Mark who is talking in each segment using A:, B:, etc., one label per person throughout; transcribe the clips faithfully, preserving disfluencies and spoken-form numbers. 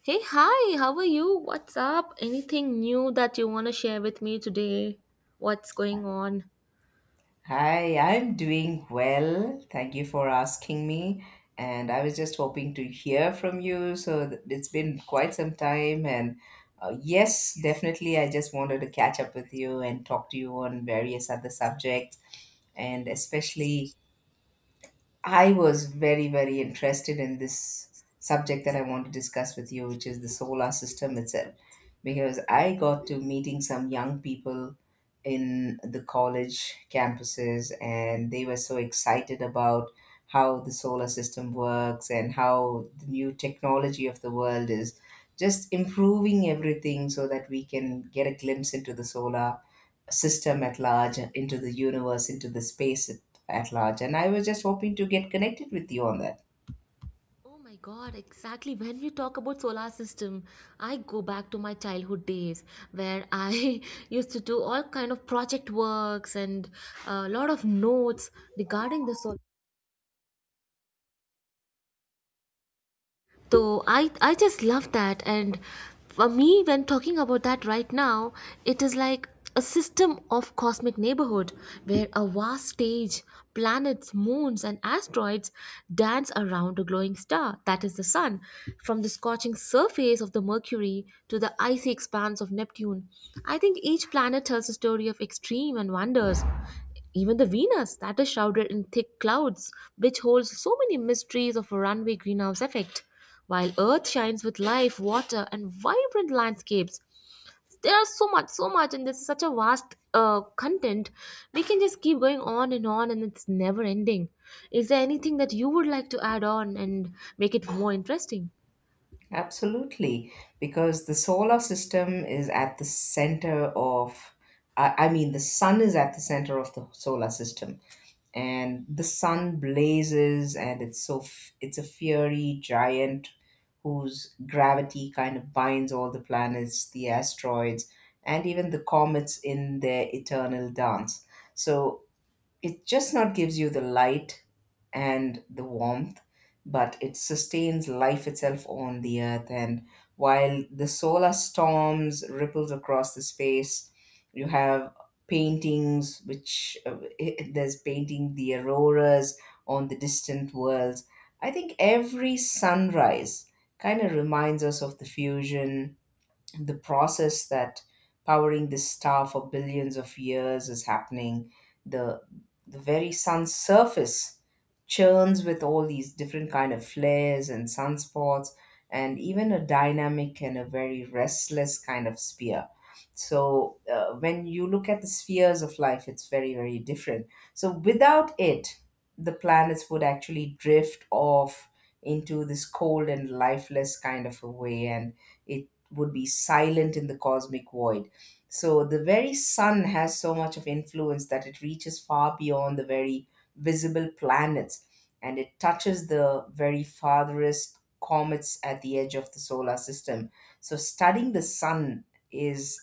A: Hey, hi, how are you? What's up? Anything new that you want to share with me today? What's going on?
B: Hi, I'm doing well. Thank you for asking me. And I was just hoping to hear from you. So th- it's been quite some time. And uh, yes, definitely, I just wanted to catch up with you and talk to you on various other subjects. And especially I was very, very interested in this subject that I want to discuss with you, which is the solar system itself, because I got to meeting some young people in the college campuses and they were so excited about how the solar system works and how the new technology of the world is just improving everything so that we can get a glimpse into the solar system at large, into the universe, into the space at, at large. And I was just hoping to get connected with you on that.
A: Oh my god, exactly. When we talk about solar system, I go back to my childhood days where I used to do all kind of project works and a lot of notes regarding the solar. So I I just love that. And for me, when talking about that right now, it is like a system of cosmic neighborhood, where a vast stage, planets, moons, and asteroids dance around a glowing star that is the sun. From the scorching surface of the Mercury to the icy expanse of Neptune, I think each planet tells a story of extreme and wonders. Even the Venus, that is shrouded in thick clouds, which holds so many mysteries of a runaway greenhouse effect. While Earth shines with life, water, and vibrant landscapes, there are so much, so much, and this is such a vast uh, content. We can just keep going on and on, and it's never ending. Is there anything that you would like to add on and make it more interesting?
B: Absolutely, because the solar system is at the center of, I I mean, the sun is at the center of the solar system, and the sun blazes, and it's so f- it's a fiery giant whose gravity kind of binds all the planets, the asteroids, and even the comets in their eternal dance. So it just not gives you the light and the warmth but it sustains life itself on the earth. And while the solar storms ripples across the space, you have paintings which uh, there's painting the auroras on the distant worlds. I think every sunrise kind of reminds us of the fusion, the process that powering this star for billions of years is happening. The the very sun's surface churns with all these different kind of flares and sunspots and even a dynamic and a very restless kind of sphere. So uh, when you look at the spheres of life, it's very, very different. So without it, the planets would actually drift off into this cold and lifeless kind of a way, and it would be silent in the cosmic void. So the very sun has so much of influence that it reaches far beyond the very visible planets, and it touches the very farthest comets at the edge of the solar system. So studying the sun is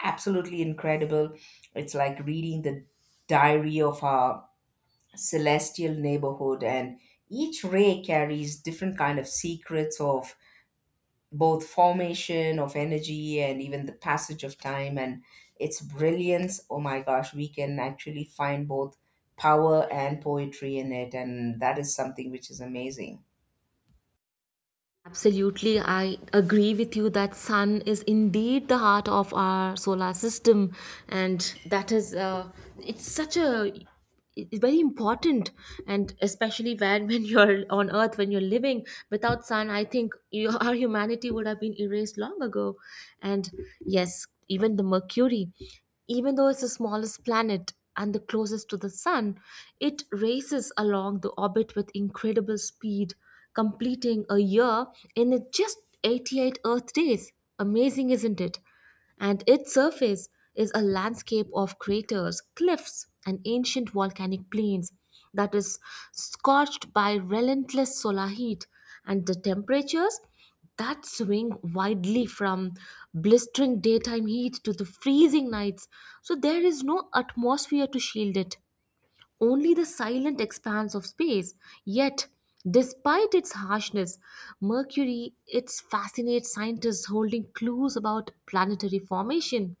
B: absolutely incredible. It's like reading the diary of our celestial neighborhood, and each ray carries different kind of secrets of both formation of energy and even the passage of time. And its brilliance, oh my gosh, we can actually find both power and poetry in it, and that is something which is amazing.
A: Absolutely, I agree with you that sun is indeed the heart of our solar system, and that is uh, it's such a, it's very important, and especially when when you're on Earth, when you're living without sun, I think you, our humanity would have been erased long ago. And yes, even the Mercury, even though it's the smallest planet and the closest to the sun, it races along the orbit with incredible speed, completing a year in just eighty-eight Earth days. Amazing, isn't it? And its surface is a landscape of craters, cliffs, and ancient volcanic plains that is scorched by relentless solar heat, and the temperatures that swing widely from blistering daytime heat to the freezing nights. So there is no atmosphere to shield it, only the silent expanse of space. Yet, despite its harshness, Mercury it fascinates scientists, holding clues about planetary formation.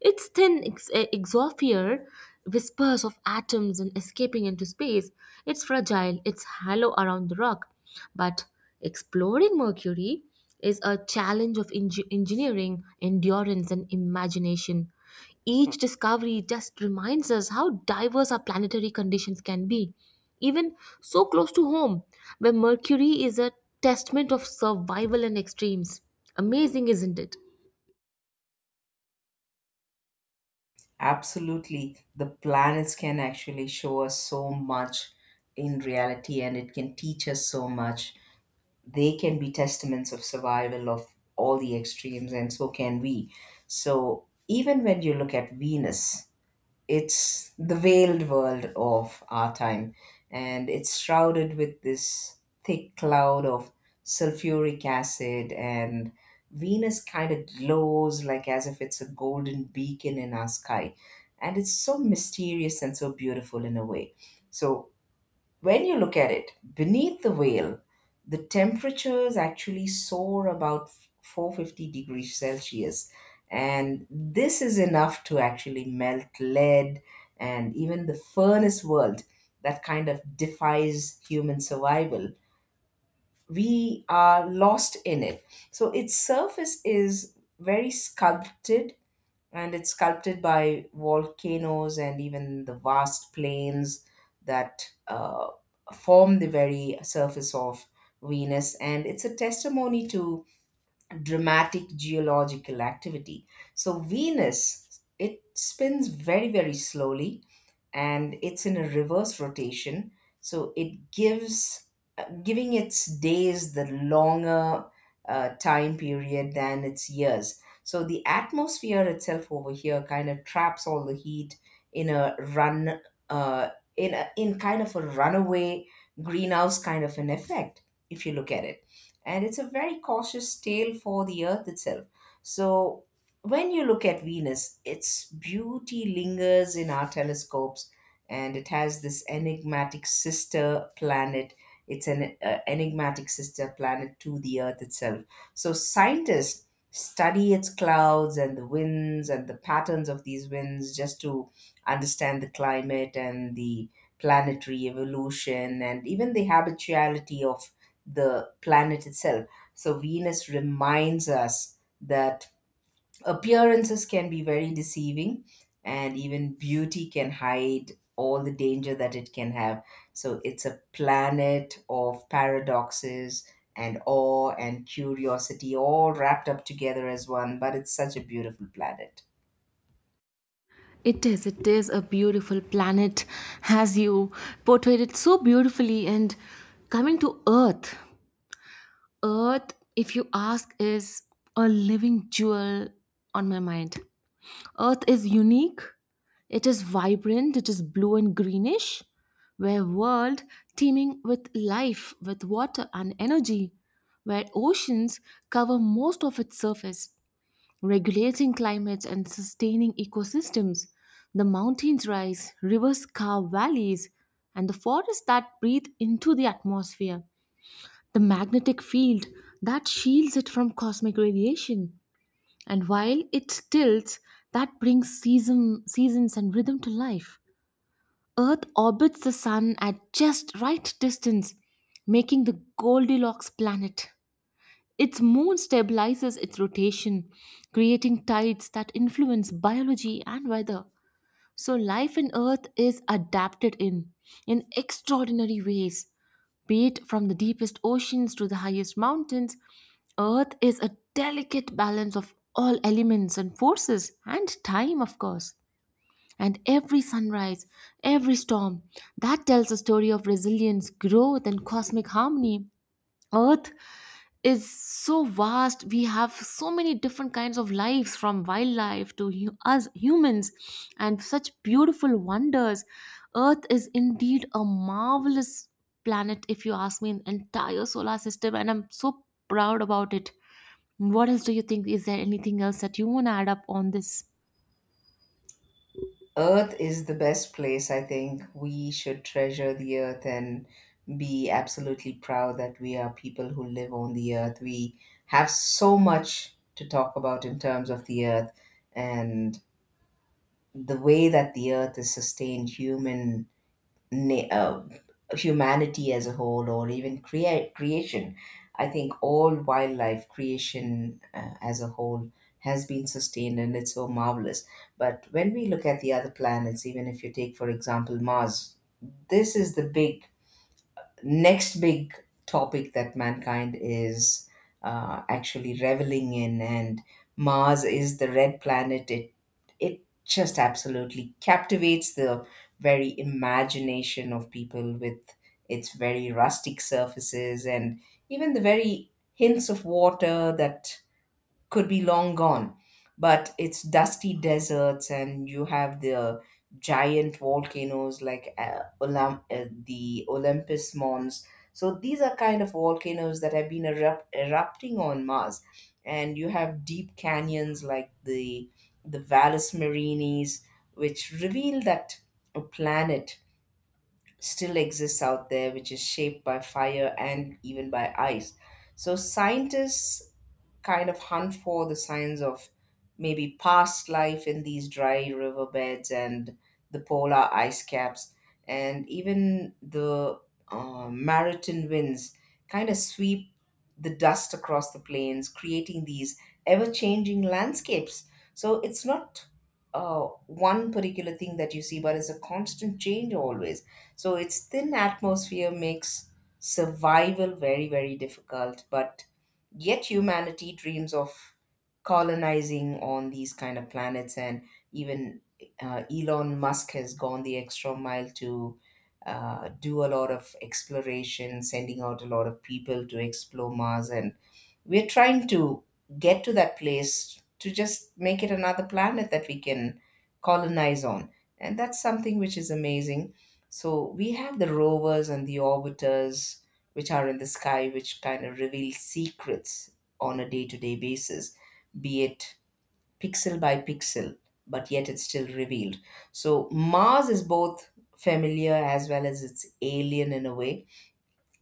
A: Its thin ex- eh, exosphere whispers of atoms and escaping into space. It's fragile, it's hollow around the rock. But exploring Mercury is a challenge of engi- engineering, endurance, and imagination. Each discovery just reminds us how diverse our planetary conditions can be, even so close to home, where Mercury is a testament of survival and extremes. Amazing, isn't it?
B: Absolutely, the planets can actually show us so much in reality, and it can teach us so much. They can be testaments of survival of all the extremes, and so can we. So even when you look at Venus, it's the veiled world of our time, and it's shrouded with this thick cloud of sulfuric acid. And Venus kind of glows like as if it's a golden beacon in our sky, and it's so mysterious and so beautiful in a way. So when you look at it, beneath the veil, the temperatures actually soar about four hundred fifty degrees Celsius. And this is enough to actually melt lead, and even the furnace world that kind of defies human survival. We are lost in it. So its surface is very sculpted, and it's sculpted by volcanoes and even the vast plains that uh, form the very surface of Venus, and it's a testimony to dramatic geological activity. So, Venus, it spins very, very slowly, and it's in a reverse rotation, so it gives uh, giving its days the longer uh, time period than its years. So the atmosphere itself over here kind of traps all the heat in a run uh, in a, in kind of a runaway greenhouse kind of an effect if you look at it, and it's a very cautious tale for the earth itself. So when you look at Venus, its beauty lingers in our telescopes, and it has this enigmatic sister planet. It's an uh, enigmatic sister planet to the Earth itself. So scientists study its clouds and the winds and the patterns of these winds just to understand the climate and the planetary evolution and even the habituality of the planet itself. So Venus reminds us that appearances can be very deceiving, and even beauty can hide all the danger that it can have. So it's a planet of paradoxes and awe and curiosity all wrapped up together as one, but it's such a beautiful planet.
A: It is. It is a beautiful planet, as you portrayed it so beautifully. And coming to Earth, Earth, if you ask, is a living jewel on my mind. Earth is unique, it is vibrant, it is blue and greenish, where world teeming with life, with water and energy, where oceans cover most of its surface, regulating climates and sustaining ecosystems. The mountains rise, rivers carve valleys, and the forests that breathe into the atmosphere. The magnetic field that shields it from cosmic radiation. And while it tilts, that brings season, seasons and rhythm to life. Earth orbits the sun at just right distance, making the Goldilocks planet. Its moon stabilizes its rotation, creating tides that influence biology and weather. So, life in Earth is adapted in, in extraordinary ways. Be it from the deepest oceans to the highest mountains, Earth is a delicate balance of all elements and forces and time, of course. And every sunrise, every storm, that tells a story of resilience, growth, and cosmic harmony. Earth is so vast, we have so many different kinds of lives, from wildlife to hu- us humans, and such beautiful wonders. Earth is indeed a marvelous planet, if you ask me, in entire solar system, and I'm so proud about it. What else do you think? Is there anything else that you want to add up on this?
B: Earth is the best place. I think we should treasure the earth and be absolutely proud that we are people who live on the earth. We have so much to talk about in terms of the earth, and the way that the earth is sustained human na- uh, humanity as a whole, or even create creation. I think all wildlife creation uh, as a whole has been sustained, and it's so marvelous. But when we look at the other planets, even if you take for example Mars, this is the big next big topic that mankind is uh, actually reveling in. And Mars is the red planet. It it just absolutely captivates the very imagination of people with its very rustic surfaces and even the very hints of water that could be long gone. But it's dusty deserts, and you have the giant volcanoes like uh, Olymp- uh, the Olympus Mons. So these are kind of volcanoes that have been erupt- erupting on Mars, and you have deep canyons like the the Valles Marine's, which reveal that a planet still exists out there, which is shaped by fire and even by ice. So scientists kind of hunt for the signs of maybe past life in these dry riverbeds and the polar ice caps and even the uh, maritime winds kind of sweep the dust across the plains, creating these ever-changing landscapes. So it's not uh, one particular thing that you see, but it's a constant change always. So its thin atmosphere makes survival very, very difficult, but yet humanity dreams of colonizing on these kind of planets. And even uh, Elon Musk has gone the extra mile to uh, do a lot of exploration, sending out a lot of people to explore Mars, and we're trying to get to that place to just make it another planet that we can colonize on. And that's something which is amazing. So we have the rovers and the orbiters which are in the sky, which kind of reveal secrets on a day to day basis, be it pixel by pixel, but yet it's still revealed. So Mars is both familiar as well as it's alien in a way,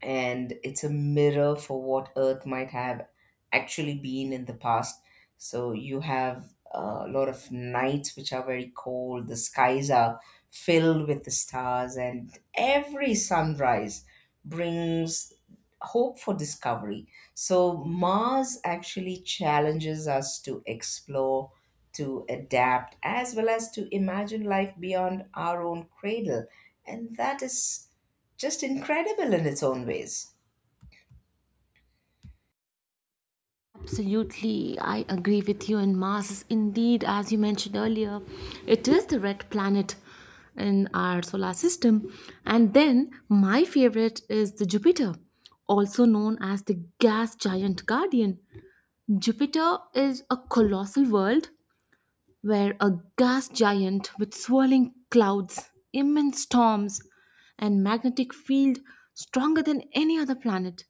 B: and it's a mirror for what Earth might have actually been in the past. So you have a lot of nights which are very cold, the skies are filled with the stars, and every sunrise brings hope for discovery. So Mars actually challenges us to explore. To adapt as well as to imagine life beyond our own cradle. And that is just incredible in its own ways.
A: Absolutely, I agree with you. And Mars is indeed, as you mentioned earlier, it is the red planet in our solar system. And then my favorite is the Jupiter, also known as the gas giant guardian. Jupiter is a colossal world, where a gas giant with swirling clouds, immense storms, and magnetic field stronger than any other planet.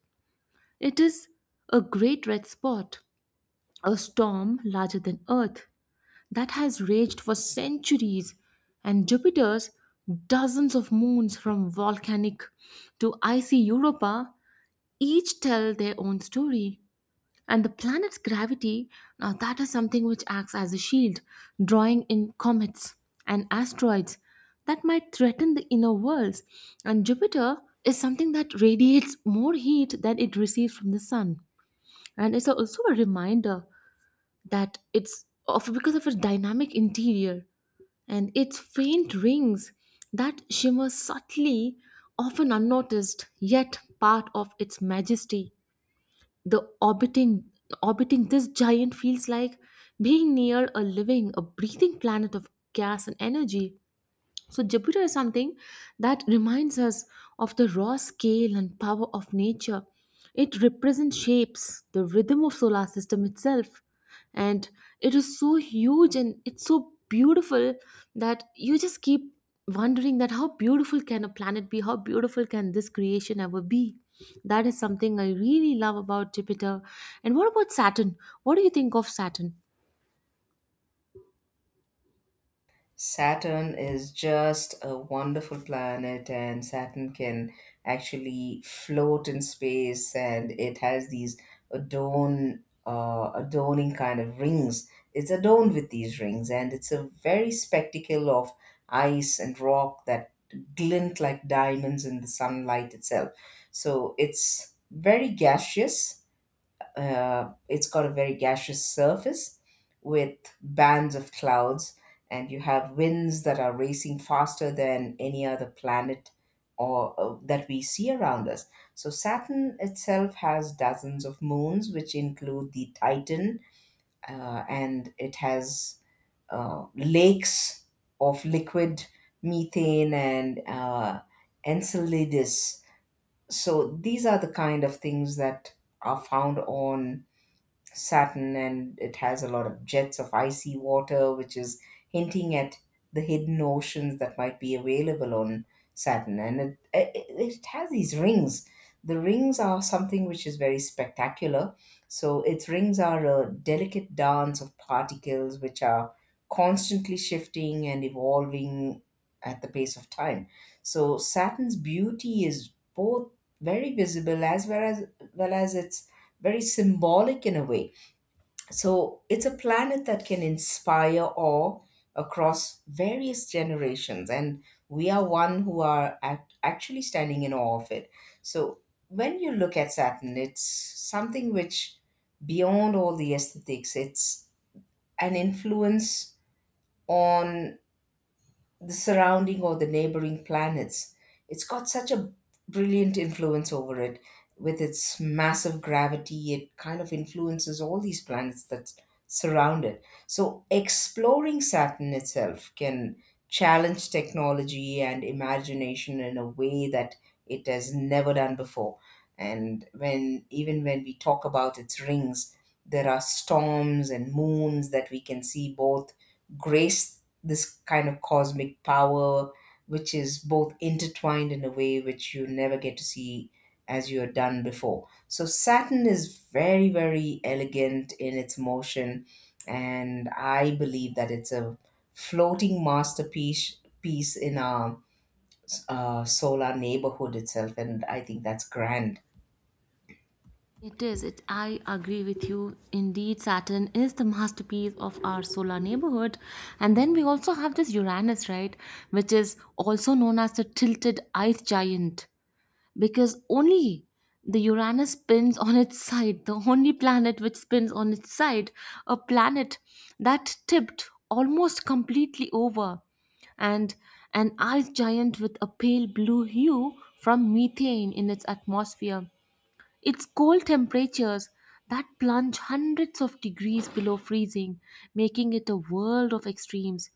A: It is a great red spot, a storm larger than Earth that has raged for centuries, and Jupiter's dozens of moons, from volcanic to icy Europa, each tell their own story. And the planet's gravity, now that is something which acts as a shield, drawing in comets and asteroids that might threaten the inner worlds. And Jupiter is something that radiates more heat than it receives from the sun. And it's also a reminder that it's of because of its dynamic interior and its faint rings that shimmer subtly, often unnoticed, yet part of its majesty. The orbiting orbiting this giant feels like being near a living, a breathing planet of gas and energy. So Jupiter is something that reminds us of the raw scale and power of nature. It represents shapes, the rhythm of solar system itself. And it is so huge and it's so beautiful that you just keep wondering that how beautiful can a planet be? How beautiful can this creation ever be? That is something I really love about Jupiter. And what about Saturn? What do you think of Saturn?
B: Saturn is just a wonderful planet, and Saturn can actually float in space, and it has these adorn, uh, adorning kind of rings. It's adorned with these rings, and it's a very spectacle of ice and rock that glint like diamonds in the sunlight itself. So it's very gaseous. Uh, it's got a very gaseous surface with bands of clouds, and you have winds that are racing faster than any other planet or uh, that we see around us. So Saturn itself has dozens of moons, which include the Titan, uh, and it has uh, lakes of liquid methane, and uh, Enceladus. So these are the kind of things that are found on Saturn, and it has a lot of jets of icy water, which is hinting at the hidden oceans that might be available on Saturn. And it, it, it has these rings. The rings are something which is very spectacular. So, its rings are a delicate dance of particles which are constantly shifting and evolving at the pace of time. So, Saturn's beauty is both very visible as well as, well as its very symbolic in a way. So it's a planet that can inspire awe across various generations, and we are one who are act- actually standing in awe of it. So when you look at Saturn, it's something which, beyond all the aesthetics, it's an influence on the surrounding or the neighboring planets. It's got such a brilliant influence over it. With its massive gravity, it kind of influences all these planets that surround it. So, exploring Saturn itself can challenge technology and imagination in a way that it has never done before. And when even when we talk about its rings, there are storms and moons that we can see both grace this kind of cosmic power which is both intertwined in a way which you never get to see as you are done before. So Saturn is very, very elegant in its motion, and I believe that it's a floating masterpiece piece in our uh, solar neighborhood itself, and I think that's grand.
A: It is. It, I agree with you. Indeed, Saturn is the masterpiece of our solar neighborhood. And then we also have this Uranus, right? Which is also known as the tilted ice giant, because only the Uranus spins on its side, the only planet which spins on its side, a planet that tipped almost completely over, and an ice giant with a pale blue hue from methane in its atmosphere. It's cold temperatures that plunge hundreds of degrees below freezing, making it a world of extremes.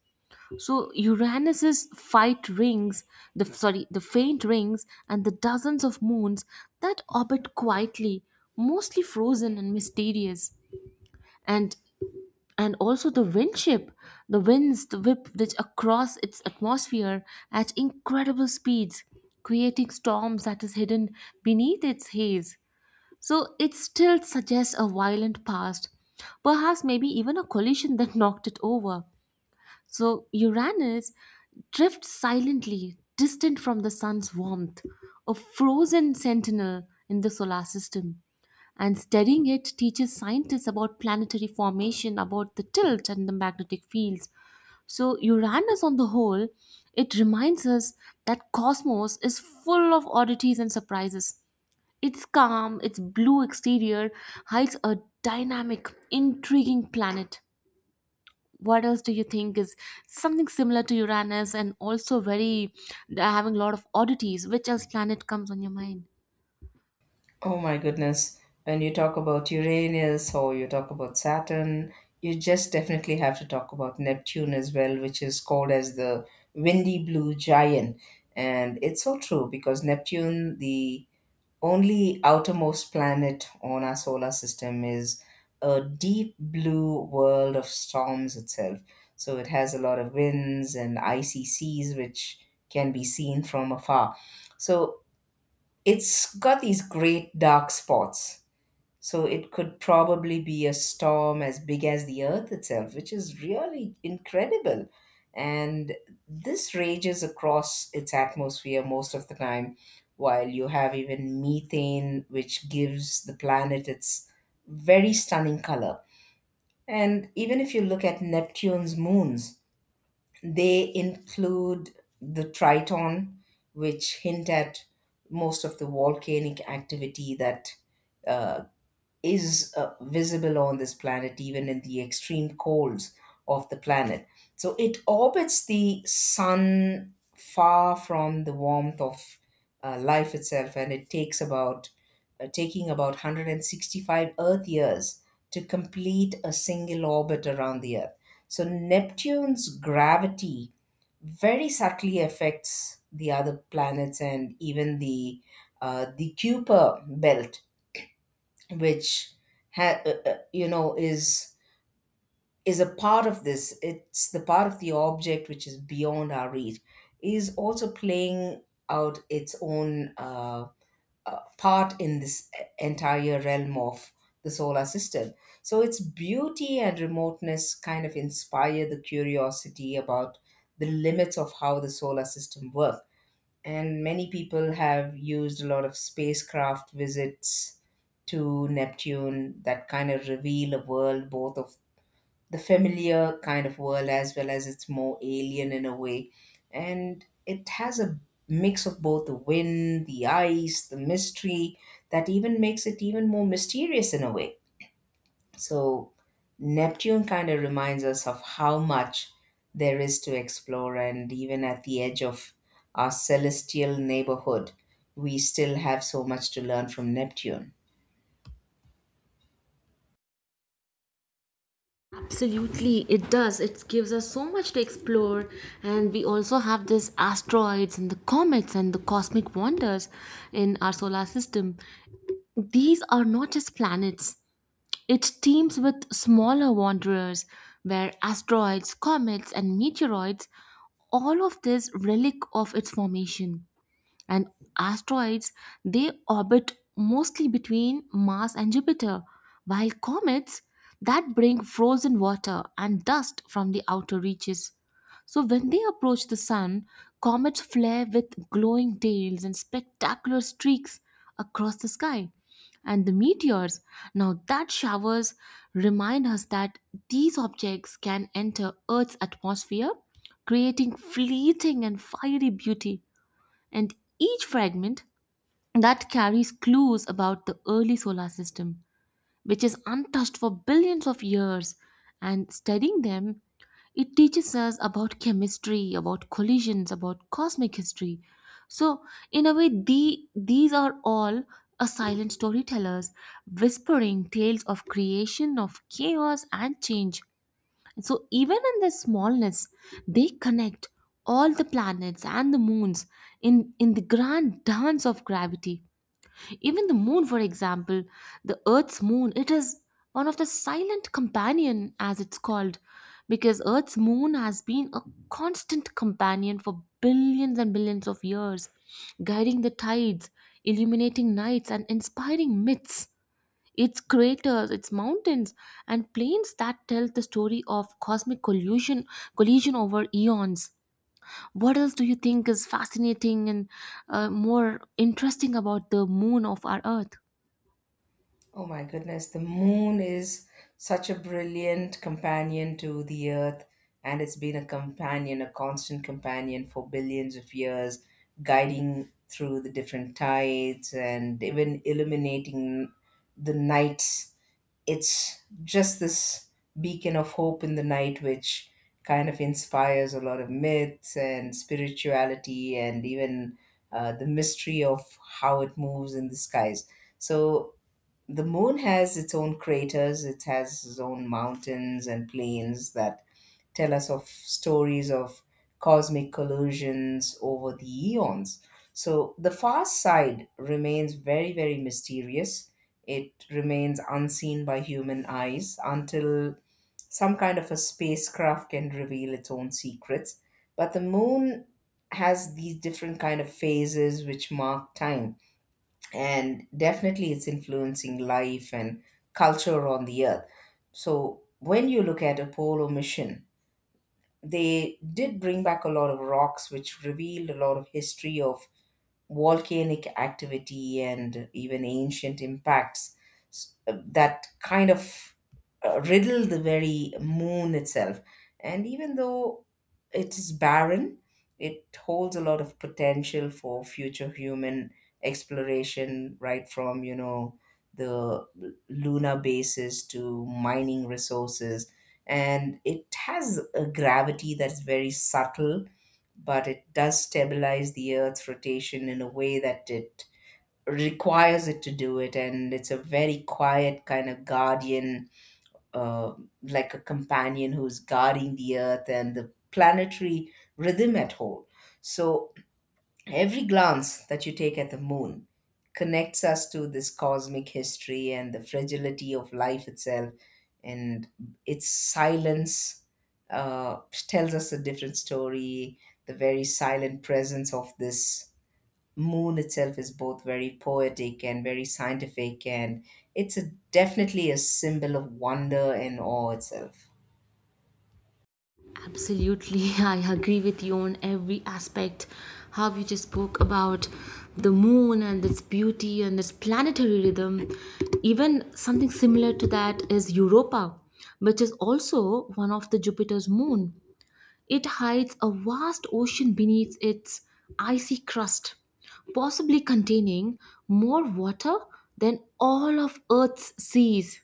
A: So Uranus's fight rings, the sorry, the faint rings, and the dozens of moons that orbit quietly, mostly frozen and mysterious. And and also the windship, the winds the whip which across its atmosphere at incredible speeds, creating storms that is hidden beneath its haze. So it still suggests a violent past, perhaps maybe even a collision that knocked it over. So Uranus drifts silently, distant from the sun's warmth, a frozen sentinel in the solar system. And studying it teaches scientists about planetary formation, about the tilt and the magnetic fields. So Uranus on the whole, it reminds us that cosmos is full of oddities and surprises. Its calm, its blue exterior hides a dynamic, intriguing planet. What else do you think is something similar to Uranus and also very uh, having a lot of oddities? Which else planet comes on your mind?
B: Oh my goodness. When you talk about Uranus or you talk about Saturn, you just definitely have to talk about Neptune as well, which is called as the windy blue giant. And it's so true because Neptune, the only outermost planet on our solar system, is a deep blue world of storms itself. So it has a lot of winds and icy seas, which can be seen from afar. So it's got these great dark spots. So it could probably be a storm as big as the earth itself, which is really incredible. And this rages across its atmosphere most of the time, while you have even methane, which gives the planet its very stunning color. And even if you look at Neptune's moons, they include the Triton, which hint at most of the volcanic activity that uh, is uh, visible on this planet, even in the extreme colds of the planet. So it orbits the sun far from the warmth of uh, life itself, and it takes about uh, taking about one hundred sixty-five Earth years to complete a single orbit around the Earth. So Neptune's gravity very subtly affects the other planets and even the uh, the Kuiper belt, which ha- uh, uh, you know is is a part of this. It's the part of the object which is beyond our reach. Is also playing out its own uh, uh, part in this e, entire realm of the solar system. So its beauty and remoteness kind of inspire the curiosity about the limits of how the solar system works, and many people have used a lot of spacecraft visits to Neptune that kind of reveal a world both of the familiar kind of world as well as it's more alien in a way. And it has a mix of both the wind, the ice, the mystery that even makes it even more mysterious in a way. So, Neptune kind of reminds us of how much there is to explore, and even at the edge of our celestial neighborhood, we still have so much to learn from Neptune.
A: Absolutely, it does. It gives us so much to explore, and we also have this asteroids and the comets and the cosmic wonders in our solar system. These are not just planets, it teams with smaller wanderers, where asteroids, comets, and meteoroids, all of this relic of its formation. And asteroids, they orbit mostly between Mars and Jupiter, while comets that bring frozen water and dust from the outer reaches. So when they approach the sun, comets flare with glowing tails and spectacular streaks across the sky. And the meteors, now that showers remind us that these objects can enter Earth's atmosphere, creating fleeting and fiery beauty. And each fragment that carries clues about the early solar system, which is untouched for billions of years. And studying them, it teaches us about chemistry, about collisions, about cosmic history. So in a way, the, these are all a silent storytellers, whispering tales of creation, of chaos and change. So, even in their smallness, they connect all the planets and the moons in, in the grand dance of gravity. Even the moon, for example, the Earth's moon, it is one of the silent companion, as it's called, because Earth's moon has been a constant companion for billions and billions of years, guiding the tides, illuminating nights, and inspiring myths. Its craters, its mountains, and plains that tell the story of cosmic collision, collision over eons. What else do you think is fascinating and uh, more interesting about the moon of our Earth?
B: Oh my goodness, the moon is such a brilliant companion to the earth, and it's been a companion, a constant companion for billions of years, guiding through the different tides and even illuminating the nights. It's just this beacon of hope in the night which kind of inspires a lot of myths and spirituality, and even uh, the mystery of how it moves in the skies. So the moon has its own craters, it has its own mountains and plains that tell us of stories of cosmic collisions over the eons. So the far side remains very, very mysterious. It remains unseen by human eyes until some kind of a spacecraft can reveal its own secrets. But the moon has these different kind of phases which mark time, and definitely it's influencing life and culture on the earth. So when you look at Apollo mission, they did bring back a lot of rocks, which revealed a lot of history of volcanic activity and even ancient impacts s- that kind of uh, riddle the very moon itself. And even though it is barren, it holds a lot of potential for future human exploration, right from, you know, the lunar bases to mining resources. And it has a gravity that's very subtle, but it does stabilize the Earth's rotation in a way that it requires it to do it. And it's a very quiet kind of guardian, uh, like a companion who's guarding the Earth and the planetary rhythm at whole. So every glance that you take at the moon connects us to this cosmic history and the fragility of life itself, and its silence uh, tells us a different story. The very silent presence of this moon itself is both very poetic and very scientific, and it's a, definitely a symbol of wonder and awe itself.
A: Absolutely, I agree with you on every aspect. How you just spoke about the moon and its beauty and its planetary rhythm. Even something similar to that is Europa, which is also one of the Jupiter's moon. It hides a vast ocean beneath its icy crust, possibly containing more water than all of Earth's seas.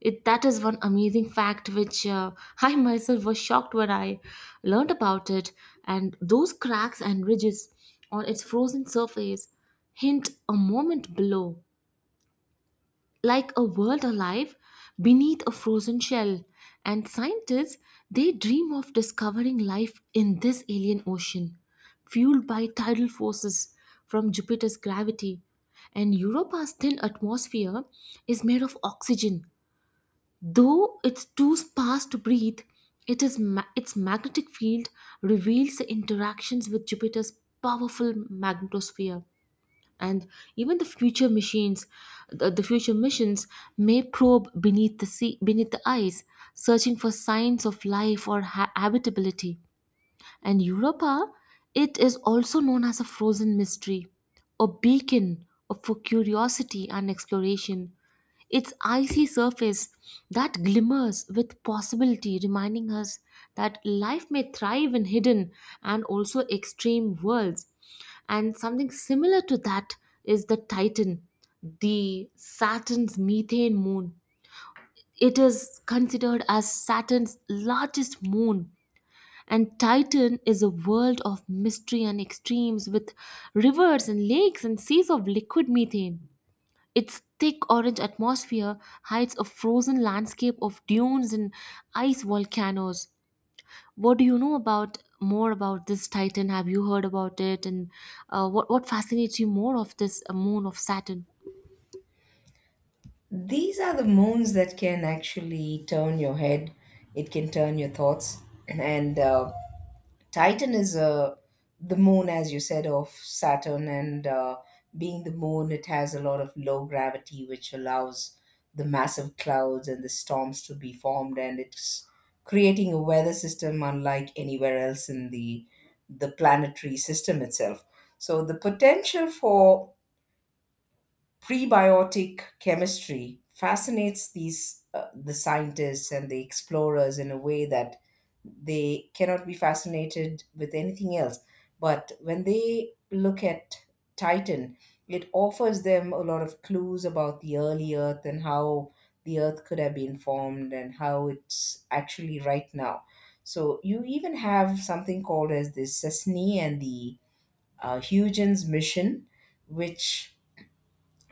A: It, that is one amazing fact which uh, I myself was shocked when I learned about it. And those cracks and ridges on its frozen surface hint a moment below, like a world alive beneath a frozen shell. And scientists, they dream of discovering life in this alien ocean, fueled by tidal forces from Jupiter's gravity. And Europa's thin atmosphere is made of oxygen, though it's too sparse to breathe. It is ma- its magnetic field reveals the interactions with Jupiter's powerful magnetosphere. And even the future machines, the, the future missions may probe beneath the sea, beneath the ice, searching for signs of life or ha- habitability. And Europa, it is also known as a frozen mystery, a beacon of- for curiosity and exploration. Its icy surface that glimmers with possibility, reminding us that life may thrive in hidden and also extreme worlds. And something similar to that is the Titan, the Saturn's methane moon. It is considered as Saturn's largest moon, and Titan is a world of mystery and extremes with rivers and lakes and seas of liquid methane. Its thick orange atmosphere hides a frozen landscape of dunes and ice volcanoes. What do you know about more about this Titan? Have you heard about it? And uh, what what fascinates you more of this uh, moon of Saturn?
B: These are the moons that can actually turn your head. It can turn your thoughts. And uh, Titan is uh, the moon, as you said, of Saturn. And uh, being the moon, it has a lot of low gravity, which allows the massive clouds and the storms to be formed. And it's creating a weather system unlike anywhere else in the the planetary system itself. So the potential for prebiotic chemistry fascinates these uh, the scientists and the explorers in a way that they cannot be fascinated with anything else, but when they look at Titan, it offers them a lot of clues about the early earth and how the earth could have been formed and how it's actually right now. So you even have something called as the Cessna and the uh, Huygens mission, which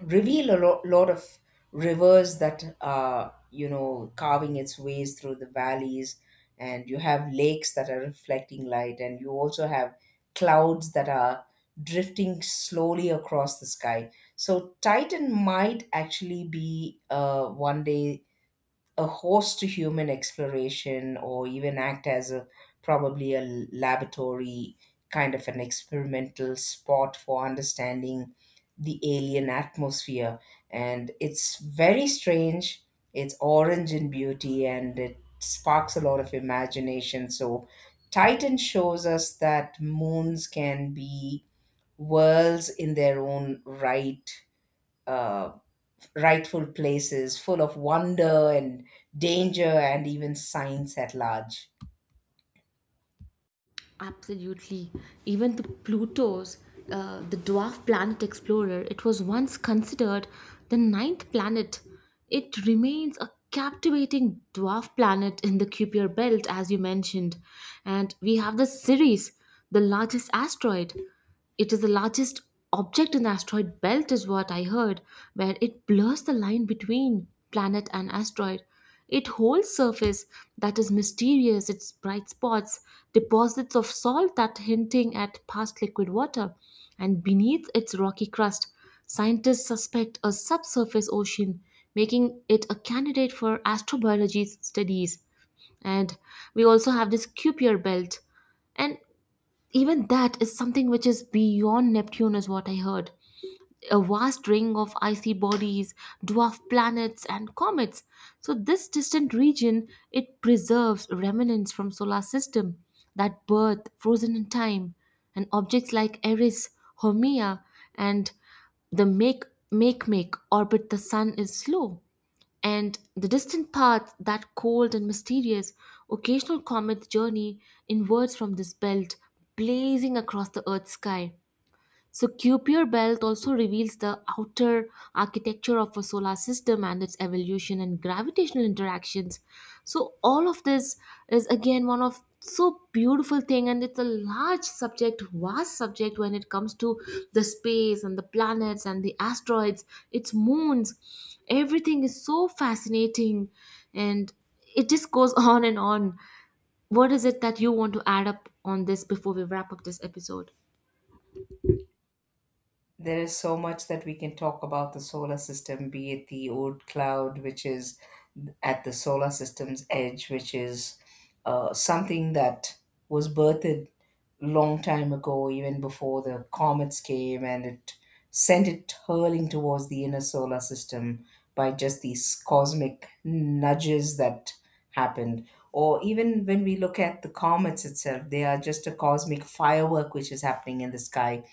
B: reveal a lo- lot of rivers that are, you know, carving its ways through the valleys, and you have lakes that are reflecting light, and you also have clouds that are drifting slowly across the sky. So Titan might actually be, uh, one day, a host to human exploration, or even act as a probably a laboratory kind of an experimental spot for understanding the alien atmosphere. And it's very strange. It's orange in beauty, and it sparks a lot of imagination. So Titan shows us that moons can be worlds in their own right, uh, rightful places, full of wonder and danger and even science at large.
A: Absolutely. Even the Pluto's, uh, the dwarf planet explorer, it was once considered the ninth planet. It remains a captivating dwarf planet in the Kuiper belt, as you mentioned. And we have the Ceres, the largest asteroid. It is the largest object in the asteroid belt, is what I heard, where it blurs the line between planet and asteroid. It holds surface that is mysterious, its bright spots, deposits of salt that hinting at past liquid water, and beneath its rocky crust, scientists suspect a subsurface ocean, making it a candidate for astrobiology studies. And we also have this Kuiper belt, and even that is something which is beyond Neptune, is what I heard. A vast ring of icy bodies, dwarf planets, and comets. So this distant region it preserves remnants from solar system that birth frozen in time, and objects like Eris, Haumea, and the make make make orbit the sun is slow, and the distant path that cold and mysterious. Occasional comet journey inwards from this belt, blazing across the Earth's sky. So Kuiper belt also reveals the outer architecture of a solar system and its evolution and gravitational interactions. So all of this is again one of so beautiful thing, and it's a large subject, vast subject, when it comes to the space and the planets and the asteroids, its moons. Everything is so fascinating, and it just goes on and on. What is it that you want to add up on this before we wrap up this episode?
B: There is so much that we can talk about the solar system, be it the old cloud, which is at the solar system's edge, which is uh, something that was birthed long time ago, even before the comets came, and it sent it hurling towards the inner solar system by just these cosmic nudges that happened. Or even when we look at the comets itself, they are just a cosmic firework which is happening in the sky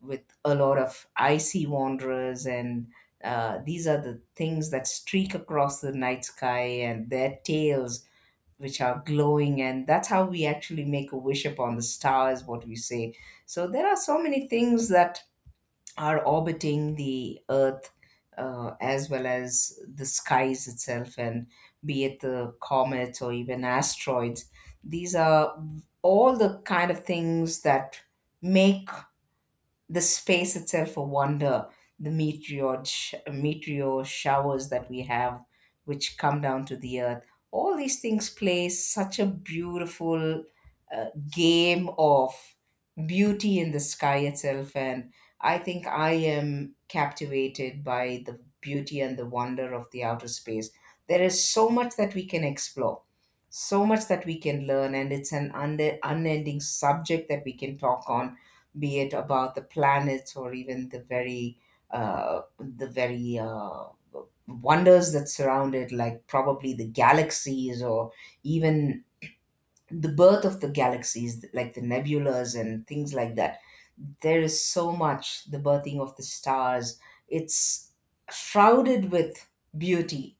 B: with a lot of icy wanderers, and uh, these are the things that streak across the night sky and their tails which are glowing, and that's how we actually make a wish upon the stars, what we say. So there are so many things that are orbiting the earth, uh, as well as the skies itself, and be it the comets or even asteroids, these are all the kind of things that make the space itself a wonder. The meteor sh- meteor showers that we have, which come down to the earth, all these things play such a beautiful uh, game of beauty in the sky itself. And I think I am captivated by the beauty and the wonder of the outer space. There is so much that we can explore, so much that we can learn, and it's an under, unending subject that we can talk on, be it about the planets or even the very uh, the very uh, wonders that surround it, like probably the galaxies, or even the birth of the galaxies, like the nebulas and things like that. There is so much the birthing of the stars. It's shrouded with beauty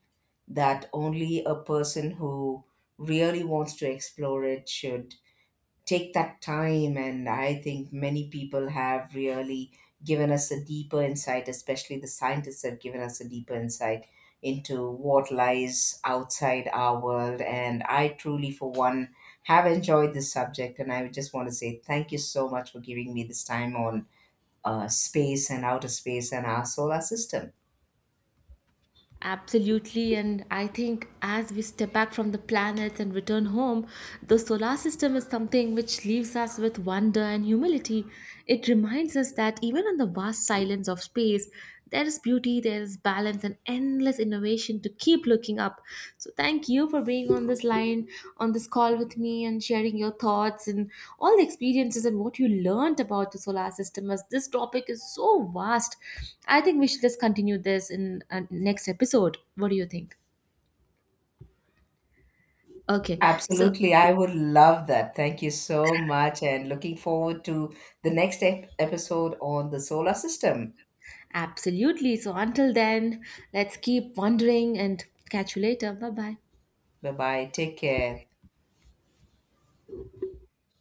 B: that only a person who really wants to explore it should take that time. And I think many people have really given us a deeper insight, especially the scientists have given us a deeper insight into what lies outside our world. And I truly, for one, have enjoyed this subject, and I just want to say thank you so much for giving me this time on uh, space and outer space and our solar system.
A: Absolutely, and I think as we step back from the planet and return home, the solar system is something which leaves us with wonder and humility. It reminds us that even in the vast silence of space, there is beauty, there is balance, and endless innovation to keep looking up. So thank you for being on this line, on this call with me, and sharing your thoughts and all the experiences and what you learned about the solar system, as this topic is so vast. I think we should just continue this in uh, next episode. What do you think? Okay. So
B: Absolutely, I would love that. Thank you so much, and looking forward to the next ep- episode on the solar system.
A: absolutely. So until then, let's keep wondering and catch you later. Bye bye.
B: Bye bye. Take care.